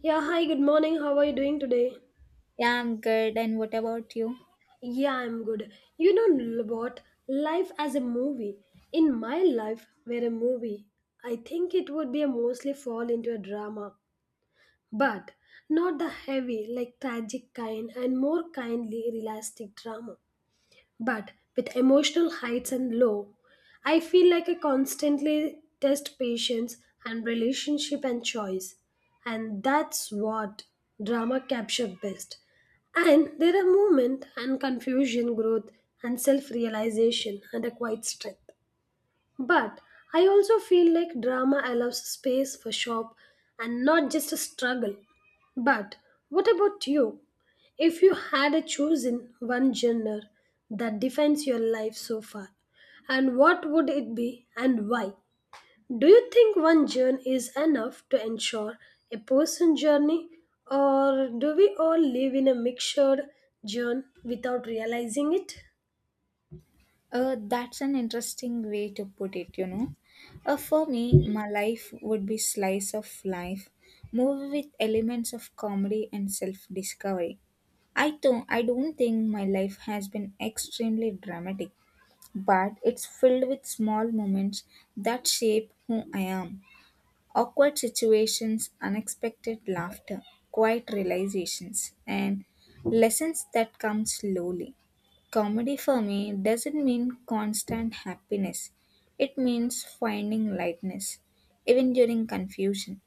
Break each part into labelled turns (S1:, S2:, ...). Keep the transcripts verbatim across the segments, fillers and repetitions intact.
S1: Yeah, hi, good morning. How are you doing today?
S2: Yeah, I'm good. And what about you?
S1: Yeah, I'm good. You know l- what? Life as a movie. In my life, were a movie, I think it would be a mostly fall into a drama. But not the heavy, like tragic kind, and more kindly realistic drama, but with emotional heights and low. I feel like I constantly test patience and relationship and choice, and that's what drama capture best. And there are movement and confusion, growth and self-realization and a quiet strength. But I also feel like drama allows space for shop and not just a struggle. But what about you? If you had a chosen one genre that defines your life so far, and what would it be and why? Do you think one journey is enough to ensure a person's journey, or do we all live in a mixed journey without realizing it?
S2: Uh, that's an interesting way to put it, you know. Uh, for me, my life would be slice of life, movie with elements of comedy and self-discovery. I don't, I don't think my life has been extremely dramatic, but it's filled with small moments that shape who I am. Awkward situations, unexpected laughter, quiet realizations, and lessons that come slowly. Comedy for me doesn't mean constant happiness, it means finding lightness, even during confusion.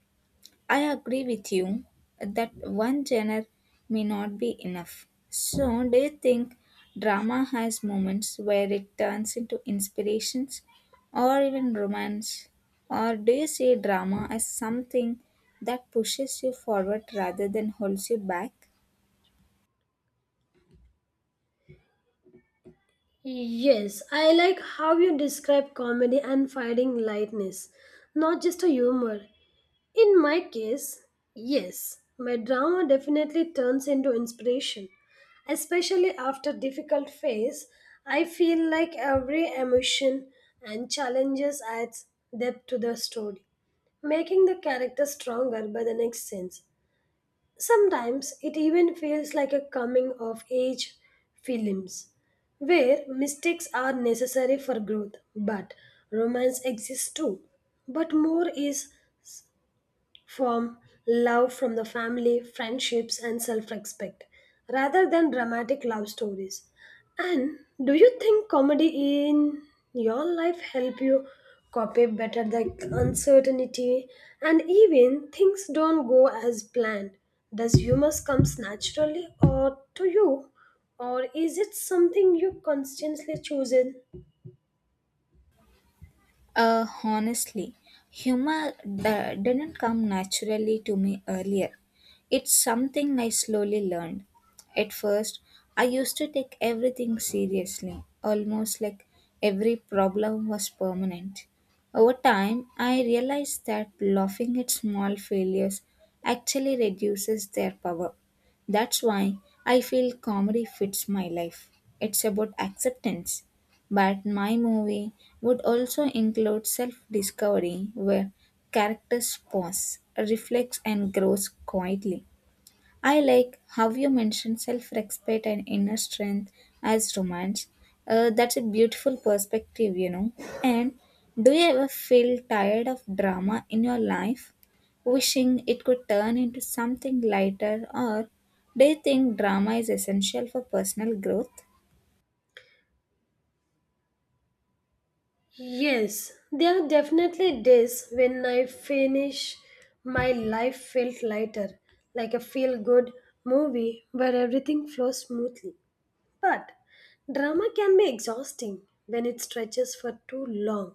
S2: I agree with you that one genre may not be enough. So, do you think drama has moments where it turns into inspirations or even romance? Or do you see drama as something that pushes you forward rather than holds you back?
S1: Yes, I like how you describe comedy and finding lightness, not just a humor. In my case, yes, my drama definitely turns into inspiration. Especially after difficult phase, I feel like every emotion and challenges adds depth to the story, making the character stronger by the next sense. Sometimes it even feels like a coming of age films where mistakes are necessary for growth, but romance exists too. But more is from love from the family, friendships, and self respect rather than dramatic love stories. And do you think comedy in your life help you copy better the uncertainty and even things don't go as planned? Does humor comes naturally or to you or is it something you constantly choose in?
S2: Uh, honestly, humor d- didn't come naturally to me earlier. It's something I slowly learned. At first, I used to take everything seriously, almost like every problem was permanent. Over time, I realized that laughing at small failures actually reduces their power. That's why I feel comedy fits my life. It's about acceptance but my movie would also include self discovery, where characters pause, reflects, and grows quietly. I like how you mentioned self respect and inner strength as romance. Uh, that's a beautiful perspective, you know. And do you ever feel tired of drama in your life, wishing it could turn into something lighter, or do you think drama is essential for personal growth?
S1: Yes, there are definitely days when I finish my life felt lighter, like a feel good movie where everything flows smoothly. But drama can be exhausting when it stretches for too long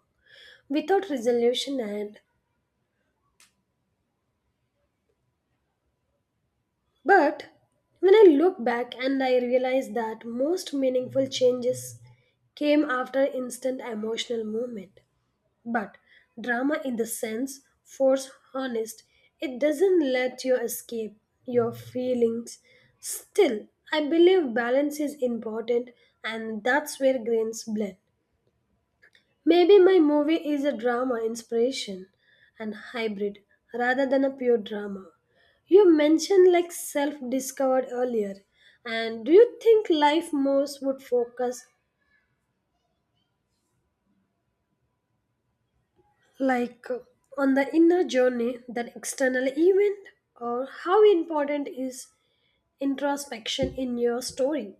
S1: without resolution and but when I look back and I realize that most meaningful changes came after instant emotional movement. But drama, in the sense, force honest, it doesn't let you escape your feelings. Still, I believe balance is important, and that's where grains blend. Maybe my movie is a drama inspiration and hybrid rather than a pure drama. You mentioned like self discovered earlier, and do you think life most would focus like uh, on the inner journey than external event, or how important is introspection in your story?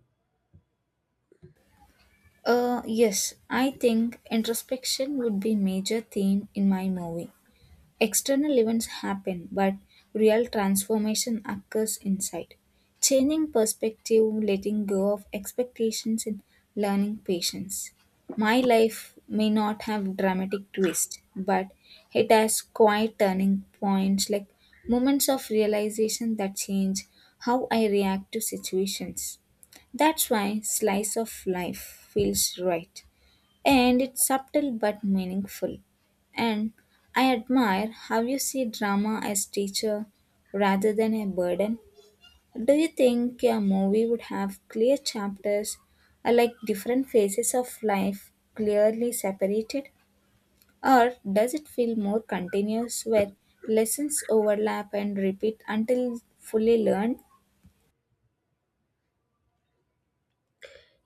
S2: Uh, yes, I think introspection would be major theme in my movie. External events happen, but real transformation occurs inside. Changing perspective, letting go of expectations, and learning patience. My life may not have dramatic twists, but it has quiet turning points like moments of realization that change how I react to situations. That's why slice of life feels right and it's subtle but meaningful. And I admire how you see drama as teacher rather than a burden. Do you think a movie would have clear chapters or like different phases of life clearly separated? Or does it feel more continuous where lessons overlap and repeat until fully learned?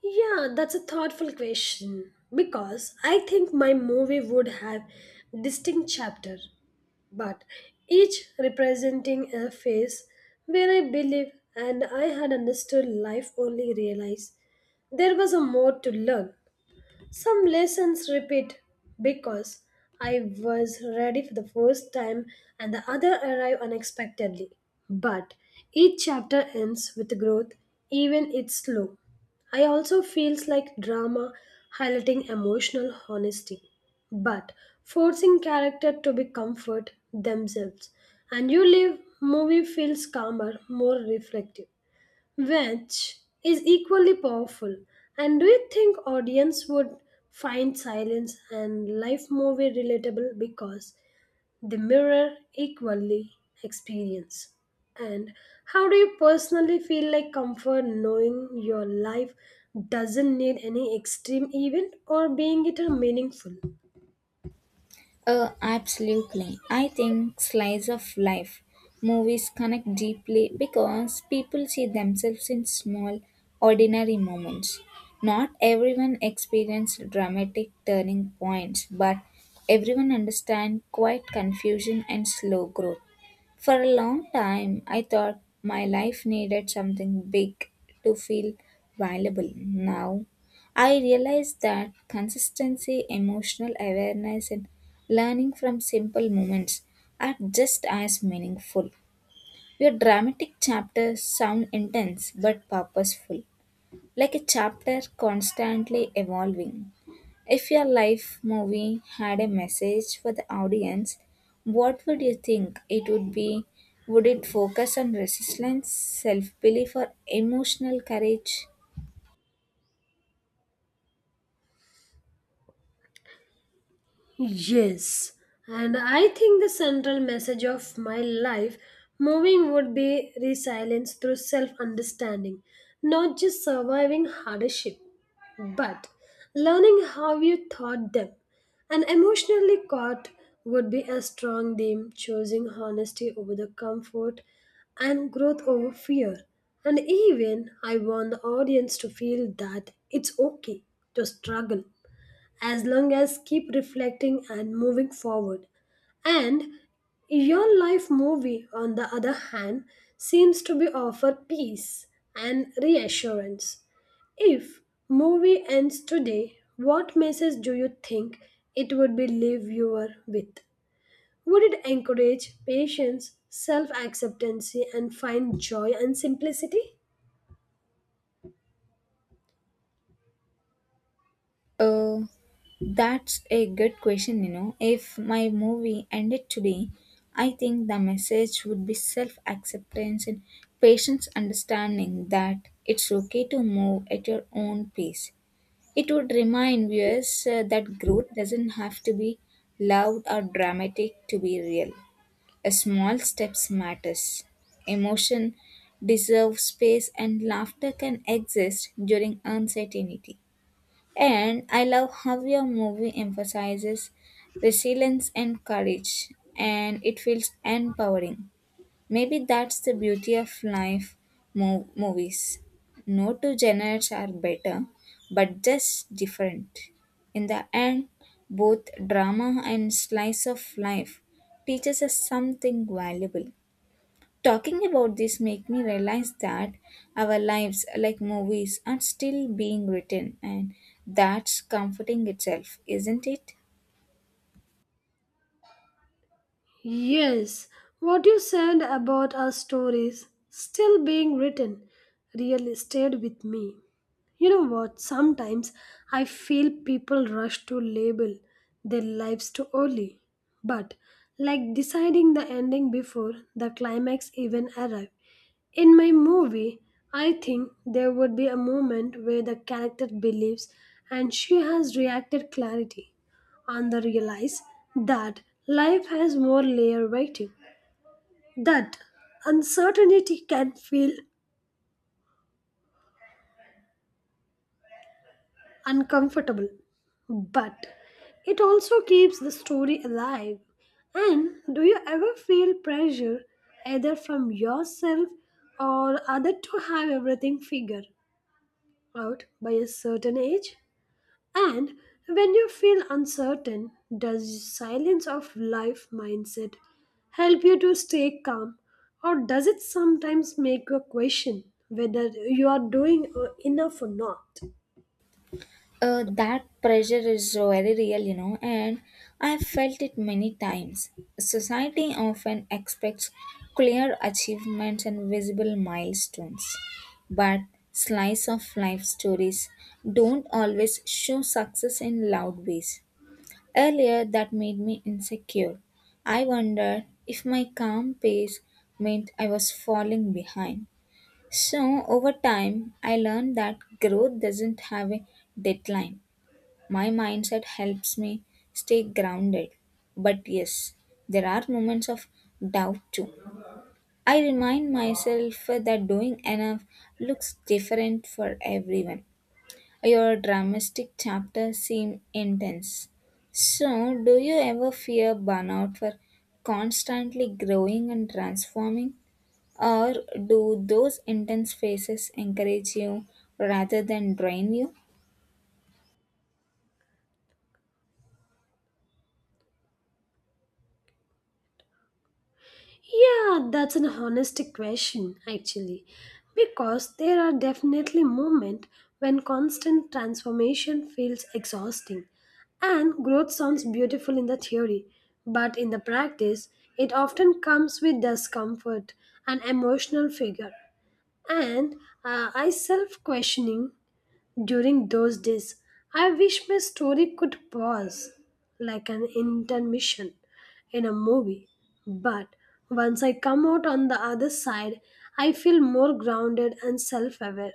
S1: Yeah, that's a thoughtful question because I think my movie would have distinct chapter, but each representing a phase where I believe and I had understood life only realized there was a more to learn. Some lessons repeat because I was ready for the first time and the other arrived unexpectedly. But each chapter ends with growth, even it's slow. I also feels like drama highlighting emotional honesty, but forcing character to be comfort themselves. And you leave movie feels calmer, more reflective, which is equally powerful. And do you think audience would find Silence and Life movie relatable because they mirror equally experience? And how do you personally feel like comfort knowing your life doesn't need any extreme event or being it a meaningful?
S2: Uh, absolutely. I think slice of life movies connect deeply because people see themselves in small, ordinary moments. Not everyone experienced dramatic turning points, but everyone understands quiet confusion and slow growth. For a long time, I thought my life needed something big to feel valuable. Now, I realize that consistency, emotional awareness, and learning from simple moments are just as meaningful. Your dramatic chapters sound intense but purposeful, like a chapter constantly evolving. If your life movie had a message for the audience, what would you think it would be? Would it focus on resistance, self belief, or emotional courage?
S1: Yes, and I think the central message of my life moving would be resilience through self understanding, not just surviving hardship, but learning how you thought them. And emotionally caught would be a strong theme, choosing honesty over the comfort and growth over fear. And even I want the audience to feel that it's okay to struggle as long as keep reflecting and moving forward. And your life movie, on the other hand, seems to be offer peace and reassurance. If movie ends today, what message do you think it would be leave viewer with? Would it encourage patience, self-acceptancy and find joy and simplicity?
S2: Uh, that's a good question, you know. If my movie ended today, I think the message would be self acceptance and patience, understanding that it's okay to move at your own pace. It would remind viewers uh, that growth doesn't have to be loud or dramatic to be real. A small steps matters. Emotion deserves space and laughter can exist during uncertainty. And I love how your movie emphasizes resilience and courage and it feels empowering. Maybe that's the beauty of life, mo- movies. No two genres are better, but just different. In the end, both drama and slice of life teaches us something valuable. Talking about this make me realize that our lives, like movies, are still being written, and that's comforting itself, isn't it?
S1: Yes, what you said about our stories still being written really stayed with me. You know what? Sometimes I feel people rush to label their lives too early, but like deciding the ending before the climax even arrives in my movie, I think there would be a moment where the character believes and she has reacted clarity and they realize that life has more layer waiting. That uncertainty can feel uncomfortable, but it also keeps the story alive. And do you ever feel pressure either from yourself or other to have everything figured out by a certain age? And when you feel uncertain, does silence of life mindset help you to stay calm? Or does it sometimes make you question whether you are doing uh, enough or not?
S2: Uh, that pressure is very real, you know, and I've felt it many times. Society often expects clear achievements and visible milestones, but slice of life stories don't always show success in loud ways. Earlier, that made me insecure. I wondered if my calm pace meant I was falling behind. So, over time, I learned that growth doesn't have a deadline. My mindset helps me stay grounded. But yes, there are moments of doubt too. I remind myself that doing enough looks different for everyone. Your dramatic chapters seem intense. So, do you ever fear burnout for constantly growing and transforming? Or do those intense phases encourage you rather than drain you?
S1: Yeah, that's an honest question, actually, because there are definitely moments when constant transformation feels exhausting, and growth sounds beautiful in the theory, but in the practice, it often comes with discomfort and emotional figure. And uh, I self questioning during those days, I wish my story could pause like an intermission in a movie. But once I come out on the other side, I feel more grounded and self aware.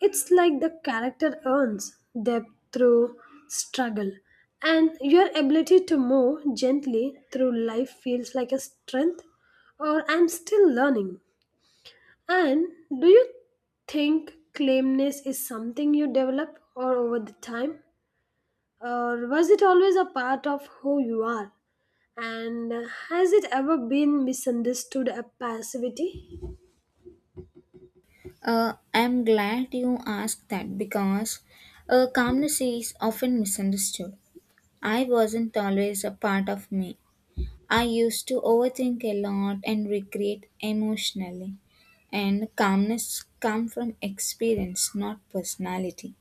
S1: It's like the character earns depth through struggle, and your ability to move gently through life feels like a strength, or I'm still learning. And do you think claimness is something you develop or over the time? Or was it always a part of who you are? And has it ever been misunderstood as passivity?
S2: Uh, I'm glad you asked that because uh, calmness is often misunderstood. I wasn't always a part of me. I used to overthink a lot and regret emotionally. And calmness come from experience, not personality.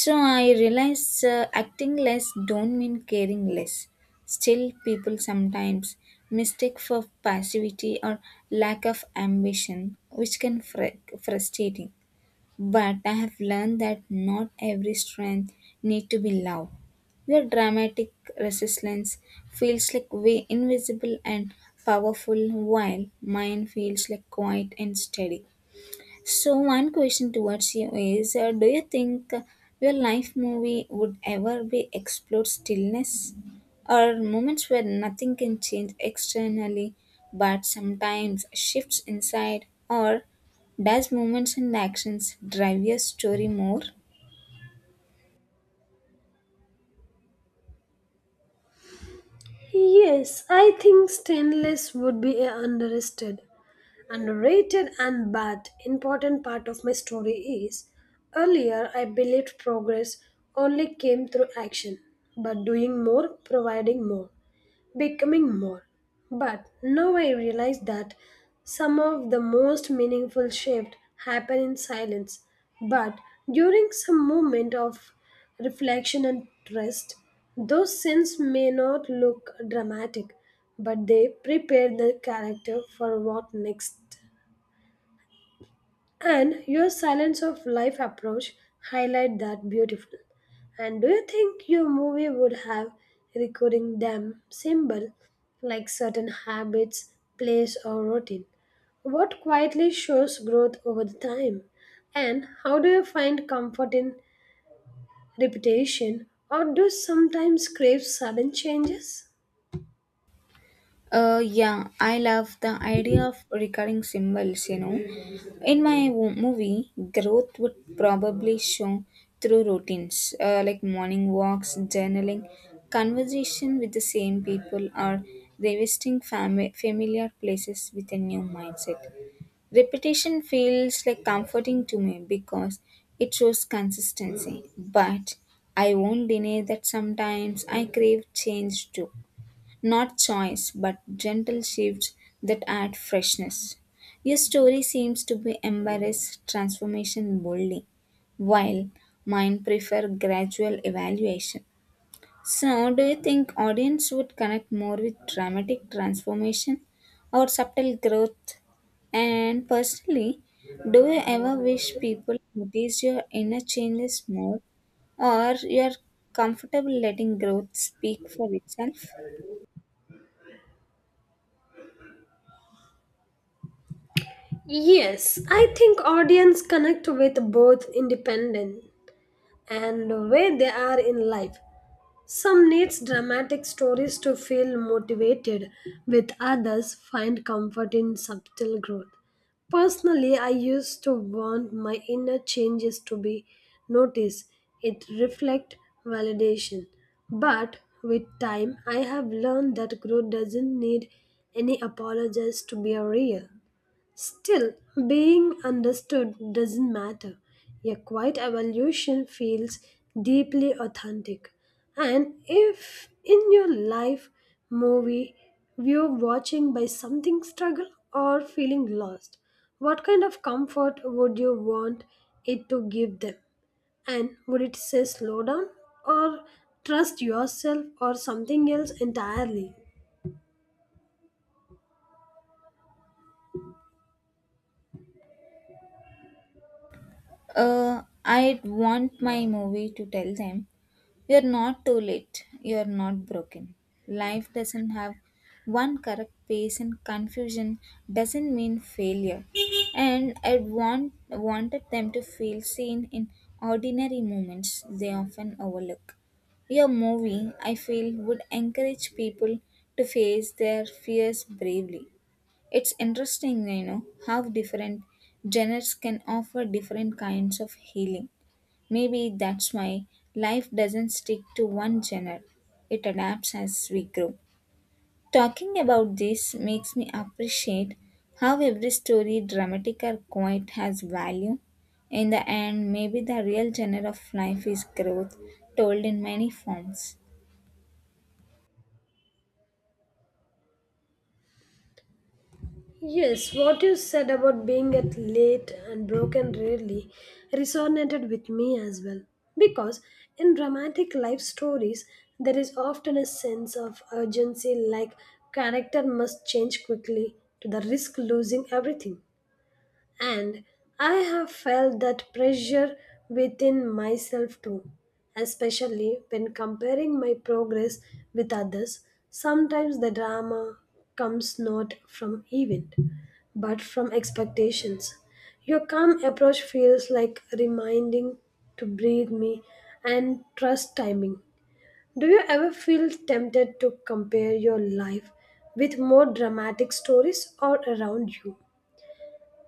S2: So I realized uh, acting less don't mean caring less. Still, people sometimes mistake for passivity or lack of ambition, which can fr- frustrating. But I have learned that not every strength need to be loud. Your dramatic resistance feels like way invisible and powerful while mine feels like quiet and steady. So, one question towards you is uh, do you think uh, your life movie would ever be explored stillness or moments where nothing can change externally but sometimes shifts inside? Or does moments and actions drive your story more?
S1: Yes, I think stainless would be a underrated, underrated and bad important part of my story is earlier I believed progress only came through action, but doing more, providing more, becoming more. But now I realize that some of the most meaningful shifts happen in silence, but during some moment of reflection and rest, those sins may not look dramatic, but they prepare the character for what next. And your silence of life approach highlight that beautiful. And do you think your movie would have recording them symbol like certain habits, place or routine? What quietly shows growth over the time? And how do you find comfort in repetition, or do you sometimes crave sudden changes?
S2: Uh, yeah, I love the idea of recurring symbols, you know. In my wo- movie, growth would probably show through routines uh, like morning walks, journaling, conversation with the same people, or revisiting fami- familiar places with a new mindset. Repetition feels like comforting to me because it shows consistency, but I won't deny that sometimes I crave change too, not choice, but gentle shifts that add freshness. Your story seems to be embrace transformation boldly, while mine prefer gradual evaluation. So, do you think audience would connect more with dramatic transformation or subtle growth? And personally, do you ever wish people notice your inner changes more, or you are comfortable letting growth speak for itself?
S1: Yes, I think audience connect with both independent and where they are in life. Some needs dramatic stories to feel motivated, with others find comfort in subtle growth. Personally, I used to want my inner changes to be noticed. It reflect validation. But with time, I have learned that growth doesn't need any apologies to be real. Still, being understood doesn't matter. A quiet evolution feels deeply authentic. And if in your life movie you're watching by something struggle or feeling lost, what kind of comfort would you want it to give them? And would it say slow down or trust yourself or something else entirely?
S2: Uh, I want my movie to tell them you're not too late, you're not broken. Life doesn't have one correct pace, and confusion doesn't mean failure. And I want wanted them to feel seen in ordinary moments they often overlook. Your movie, I feel, would encourage people to face their fears bravely. It's interesting, you know, how different genres can offer different kinds of healing. Maybe that's why life doesn't stick to one genre, it adapts as we grow. Talking about this makes me appreciate how every story, dramatic or quiet, has value. In the end, maybe the real genre of life is growth, told in many forms.
S1: Yes, what you said about being at late and broken rarely resonated with me as well. Because in dramatic life stories, there is often a sense of urgency like character must change quickly to the risk losing everything. And I have felt that pressure within myself too, especially when comparing my progress with others. Sometimes the drama comes not from event, but from expectations. Your calm approach feels like reminding to breathe me and trust timing. Do you ever feel tempted to compare your life with more dramatic stories or around you?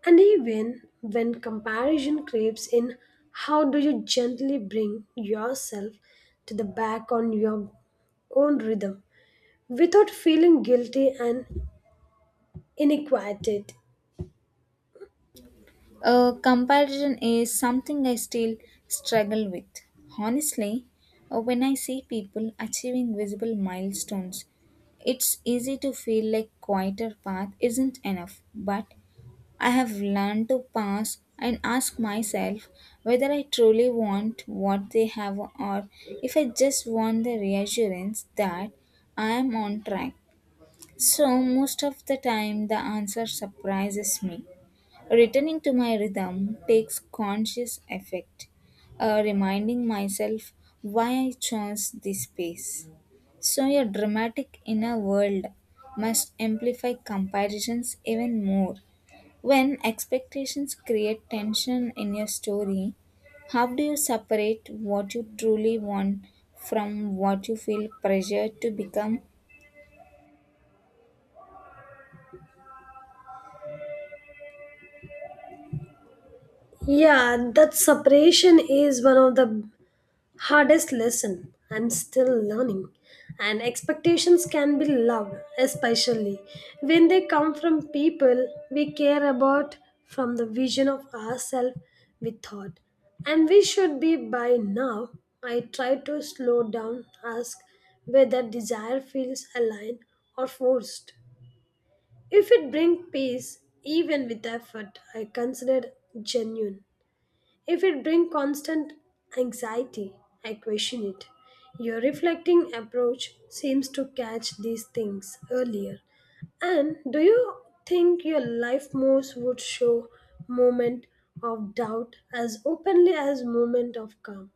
S1: And even when comparison creeps in, how do you gently bring yourself to the back on your own rhythm without feeling guilty and inadequate?
S2: Uh, comparison is something I still struggle with. Honestly, uh, when I see people achieving visible milestones, it's easy to feel like quieter path isn't enough. But I have learned to pause and ask myself whether I truly want what they have or if I just want the reassurance that I am on track. So most of the time the answer surprises me. Returning to my rhythm takes conscious effect, uh, reminding myself why I chose this space. So, your dramatic inner world must amplify comparisons even more. When expectations create tension in your story, how do you separate what you truly want from what you feel pressured to become?
S1: Yeah, that separation is one of the hardest lesson I'm still learning, and expectations can be loud, especially when they come from people we care about, from the vision of ourselves we thought and we should be by now. I try to slow down ask whether desire feels aligned or forced. If it brings peace even with effort I consider it genuine. If it brings constant anxiety, I question it. Your reflecting approach seems to catch these things earlier. And do you think your life moves would show moment of doubt as openly as moment of calm?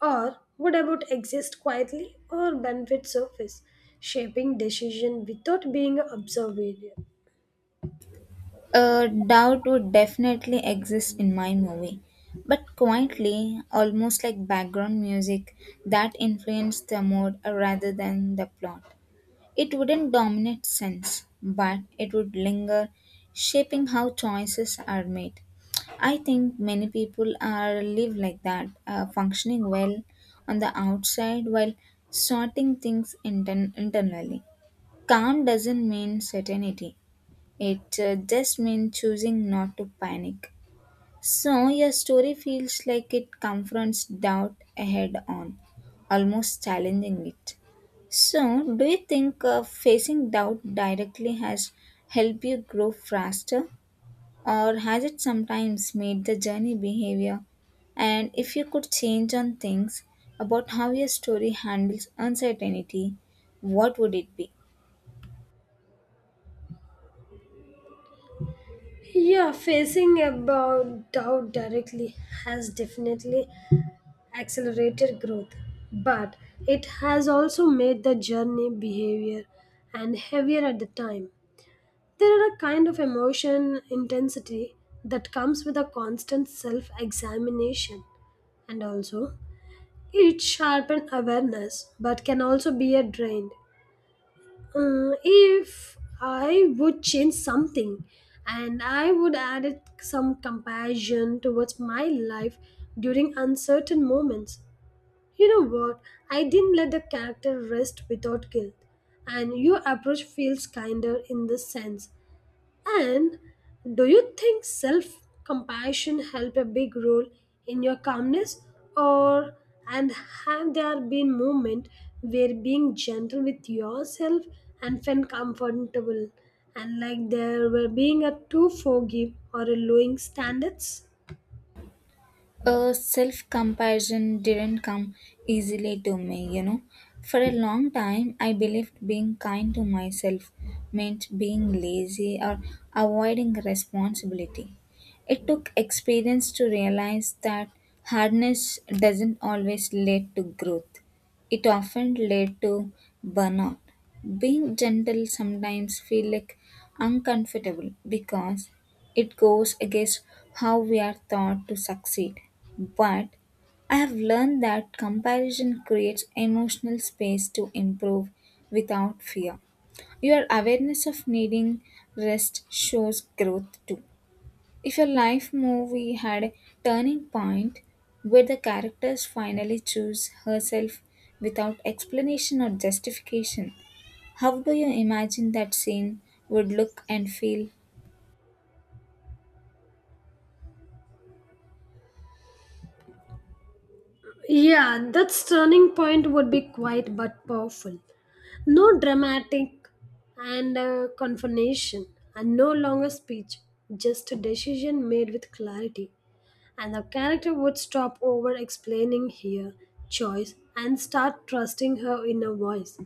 S1: Or would about exist quietly or benefit surface, shaping decision without being observed?
S2: A doubt would definitely exist in my movie, but quietly, almost like background music that influenced the mood rather than the plot. It wouldn't dominate sense, but it would linger, shaping how choices are made. I think many people are live like that, uh, functioning well on the outside while sorting things intern- internally. Calm doesn't mean certainty. It uh, just means choosing not to panic. So, your story feels like it confronts doubt head on, almost challenging it. So, do you think uh, facing doubt directly has helped you grow faster, or has it sometimes made the journey behavior? And if you could change on things about how your story handles uncertainty, what would it be?
S1: Yeah, facing about doubt directly has definitely accelerated growth, but it has also made the journey behavior and heavier at the time. There are a kind of emotion intensity that comes with a constant self examination, and also it sharpens awareness but can also be a drain. Uh, if I would change something and I would add it some compassion towards my life during uncertain moments. You know what? I didn't let the character rest without guilt, and your approach feels kinder in this sense. And do you think self compassion helped a big role in your calmness or and have there been moments where being gentle with yourself and felt comfortable and like there were being a too forgive or a lowing standards?
S2: Uh, self comparison didn't come easily to me, you know. For a long time, I believed being kind to myself meant being lazy or avoiding responsibility. It took experience to realize that hardness doesn't always lead to growth, it often led to burnout. Being gentle sometimes feel like uncomfortable because it goes against how we are taught to succeed. But I have learned that comparison creates emotional space to improve without fear. Your awareness of needing rest shows growth too. If your life movie had a turning point where the characters finally choose herself without explanation or justification, how do you imagine that scene would look and feel?
S1: Yeah, that turning point would be quiet but powerful. No dramatic and uh, confrontation, and no longer speech, just a decision made with clarity. And the character would stop over explaining her choice and start trusting her inner voice.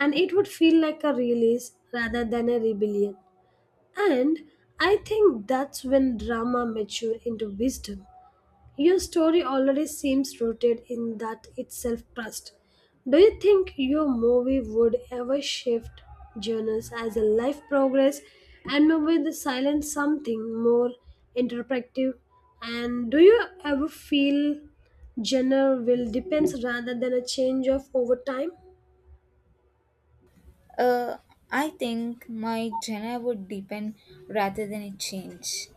S1: And it would feel like a release rather than a rebellion. And I think that's when drama matured into wisdom. Your story already seems rooted in that itself trust. Do you think your movie would ever shift genres as a life progress and move with the silent something more interpretive? And do you ever feel genre will depends rather than a change of over time?
S2: Uh, I think my genre would deepen rather than it change.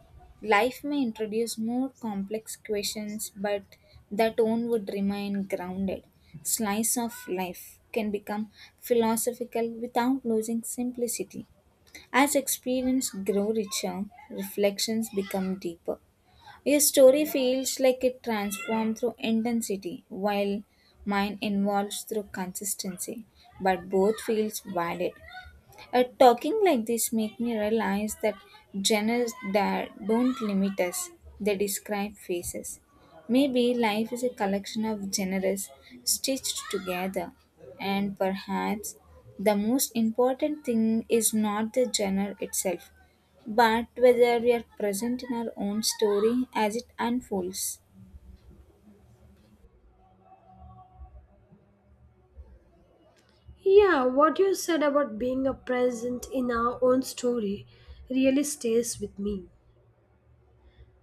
S2: Life may introduce more complex questions, but the tone would remain grounded. Slice of life can become philosophical without losing simplicity. As experience grow richer, reflections become deeper. Your story feels like it transforms through intensity, while mine involves through consistency, but both feels valid. Uh, talking like this make me realize that genres that don't limit us, they describe faces. Maybe life is a collection of genres stitched together, and perhaps the most important thing is not the genre itself, but whether we are present in our own story as it unfolds.
S1: Yeah, what you said about being a present in our own story really stays with me.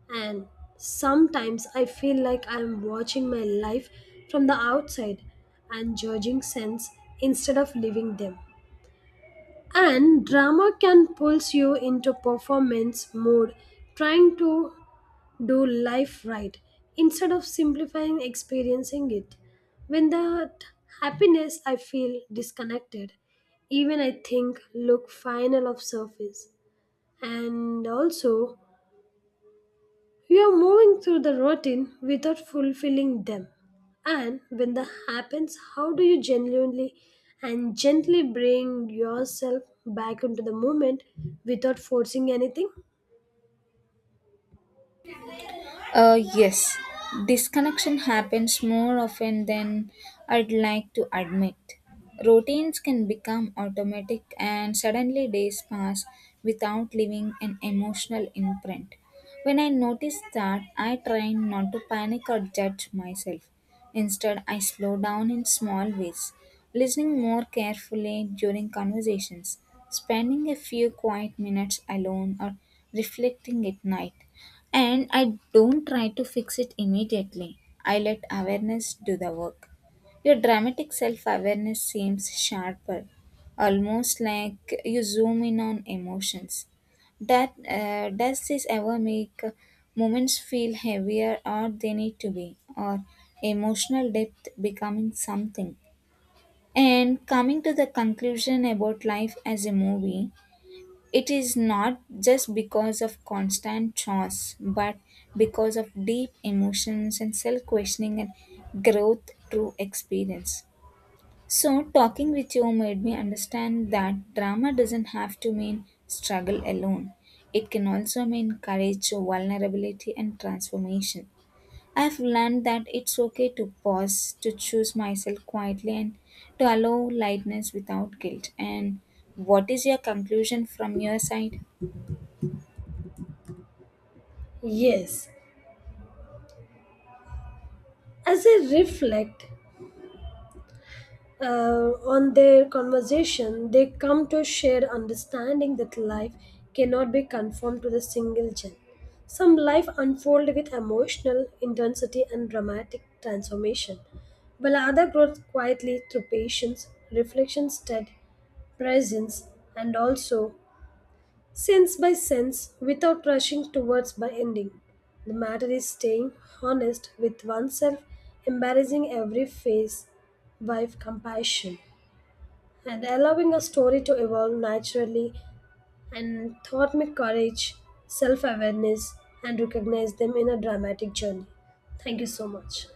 S1: And sometimes I feel like I'm watching my life from the outside and judging sense instead of living them. And drama can pulls you into performance mode, trying to do life right instead of simplifying experiencing it. When that happiness I feel disconnected, even I think look final of surface. And also you're moving through the routine without fulfilling them. And when that happens, how do you genuinely and gently bring yourself back into the moment without forcing anything?
S2: Uh, yes, disconnection happens more often than I'd like to admit. Routines can become automatic, and suddenly days pass without leaving an emotional imprint. When I notice that, I try not to panic or judge myself. Instead, I slow down in small ways, listening more carefully during conversations, spending a few quiet minutes alone, or reflecting at night. And I don't try to fix it immediately. I let awareness do the work. Your dramatic self awareness seems sharper, almost like you zoom in on emotions. That, uh, does this ever make moments feel heavier or they need to be, or emotional depth becoming something? And coming to the conclusion about life as a movie, it is not just because of constant chores, but because of deep emotions and self questioning and growth through experience. So, talking with you made me understand that drama doesn't have to mean struggle alone. It can also mean courage, vulnerability, and transformation. I've learned that it's okay to pause, to choose myself quietly, and to allow lightness without guilt. And what is your conclusion from your side?
S1: Yes, as I reflect, uh, on their conversation, they come to a shared understanding that life cannot be conformed to the single gen. Some life unfold with emotional intensity and dramatic transformation, while other grows quietly through patience, reflection, stead, presence, and also sense by sense without rushing towards by ending. The matter is staying honest with oneself, embarrassing every phase with compassion and allowing a story to evolve naturally and taught me courage, self awareness, and recognized them in a dramatic journey. Thank you so much.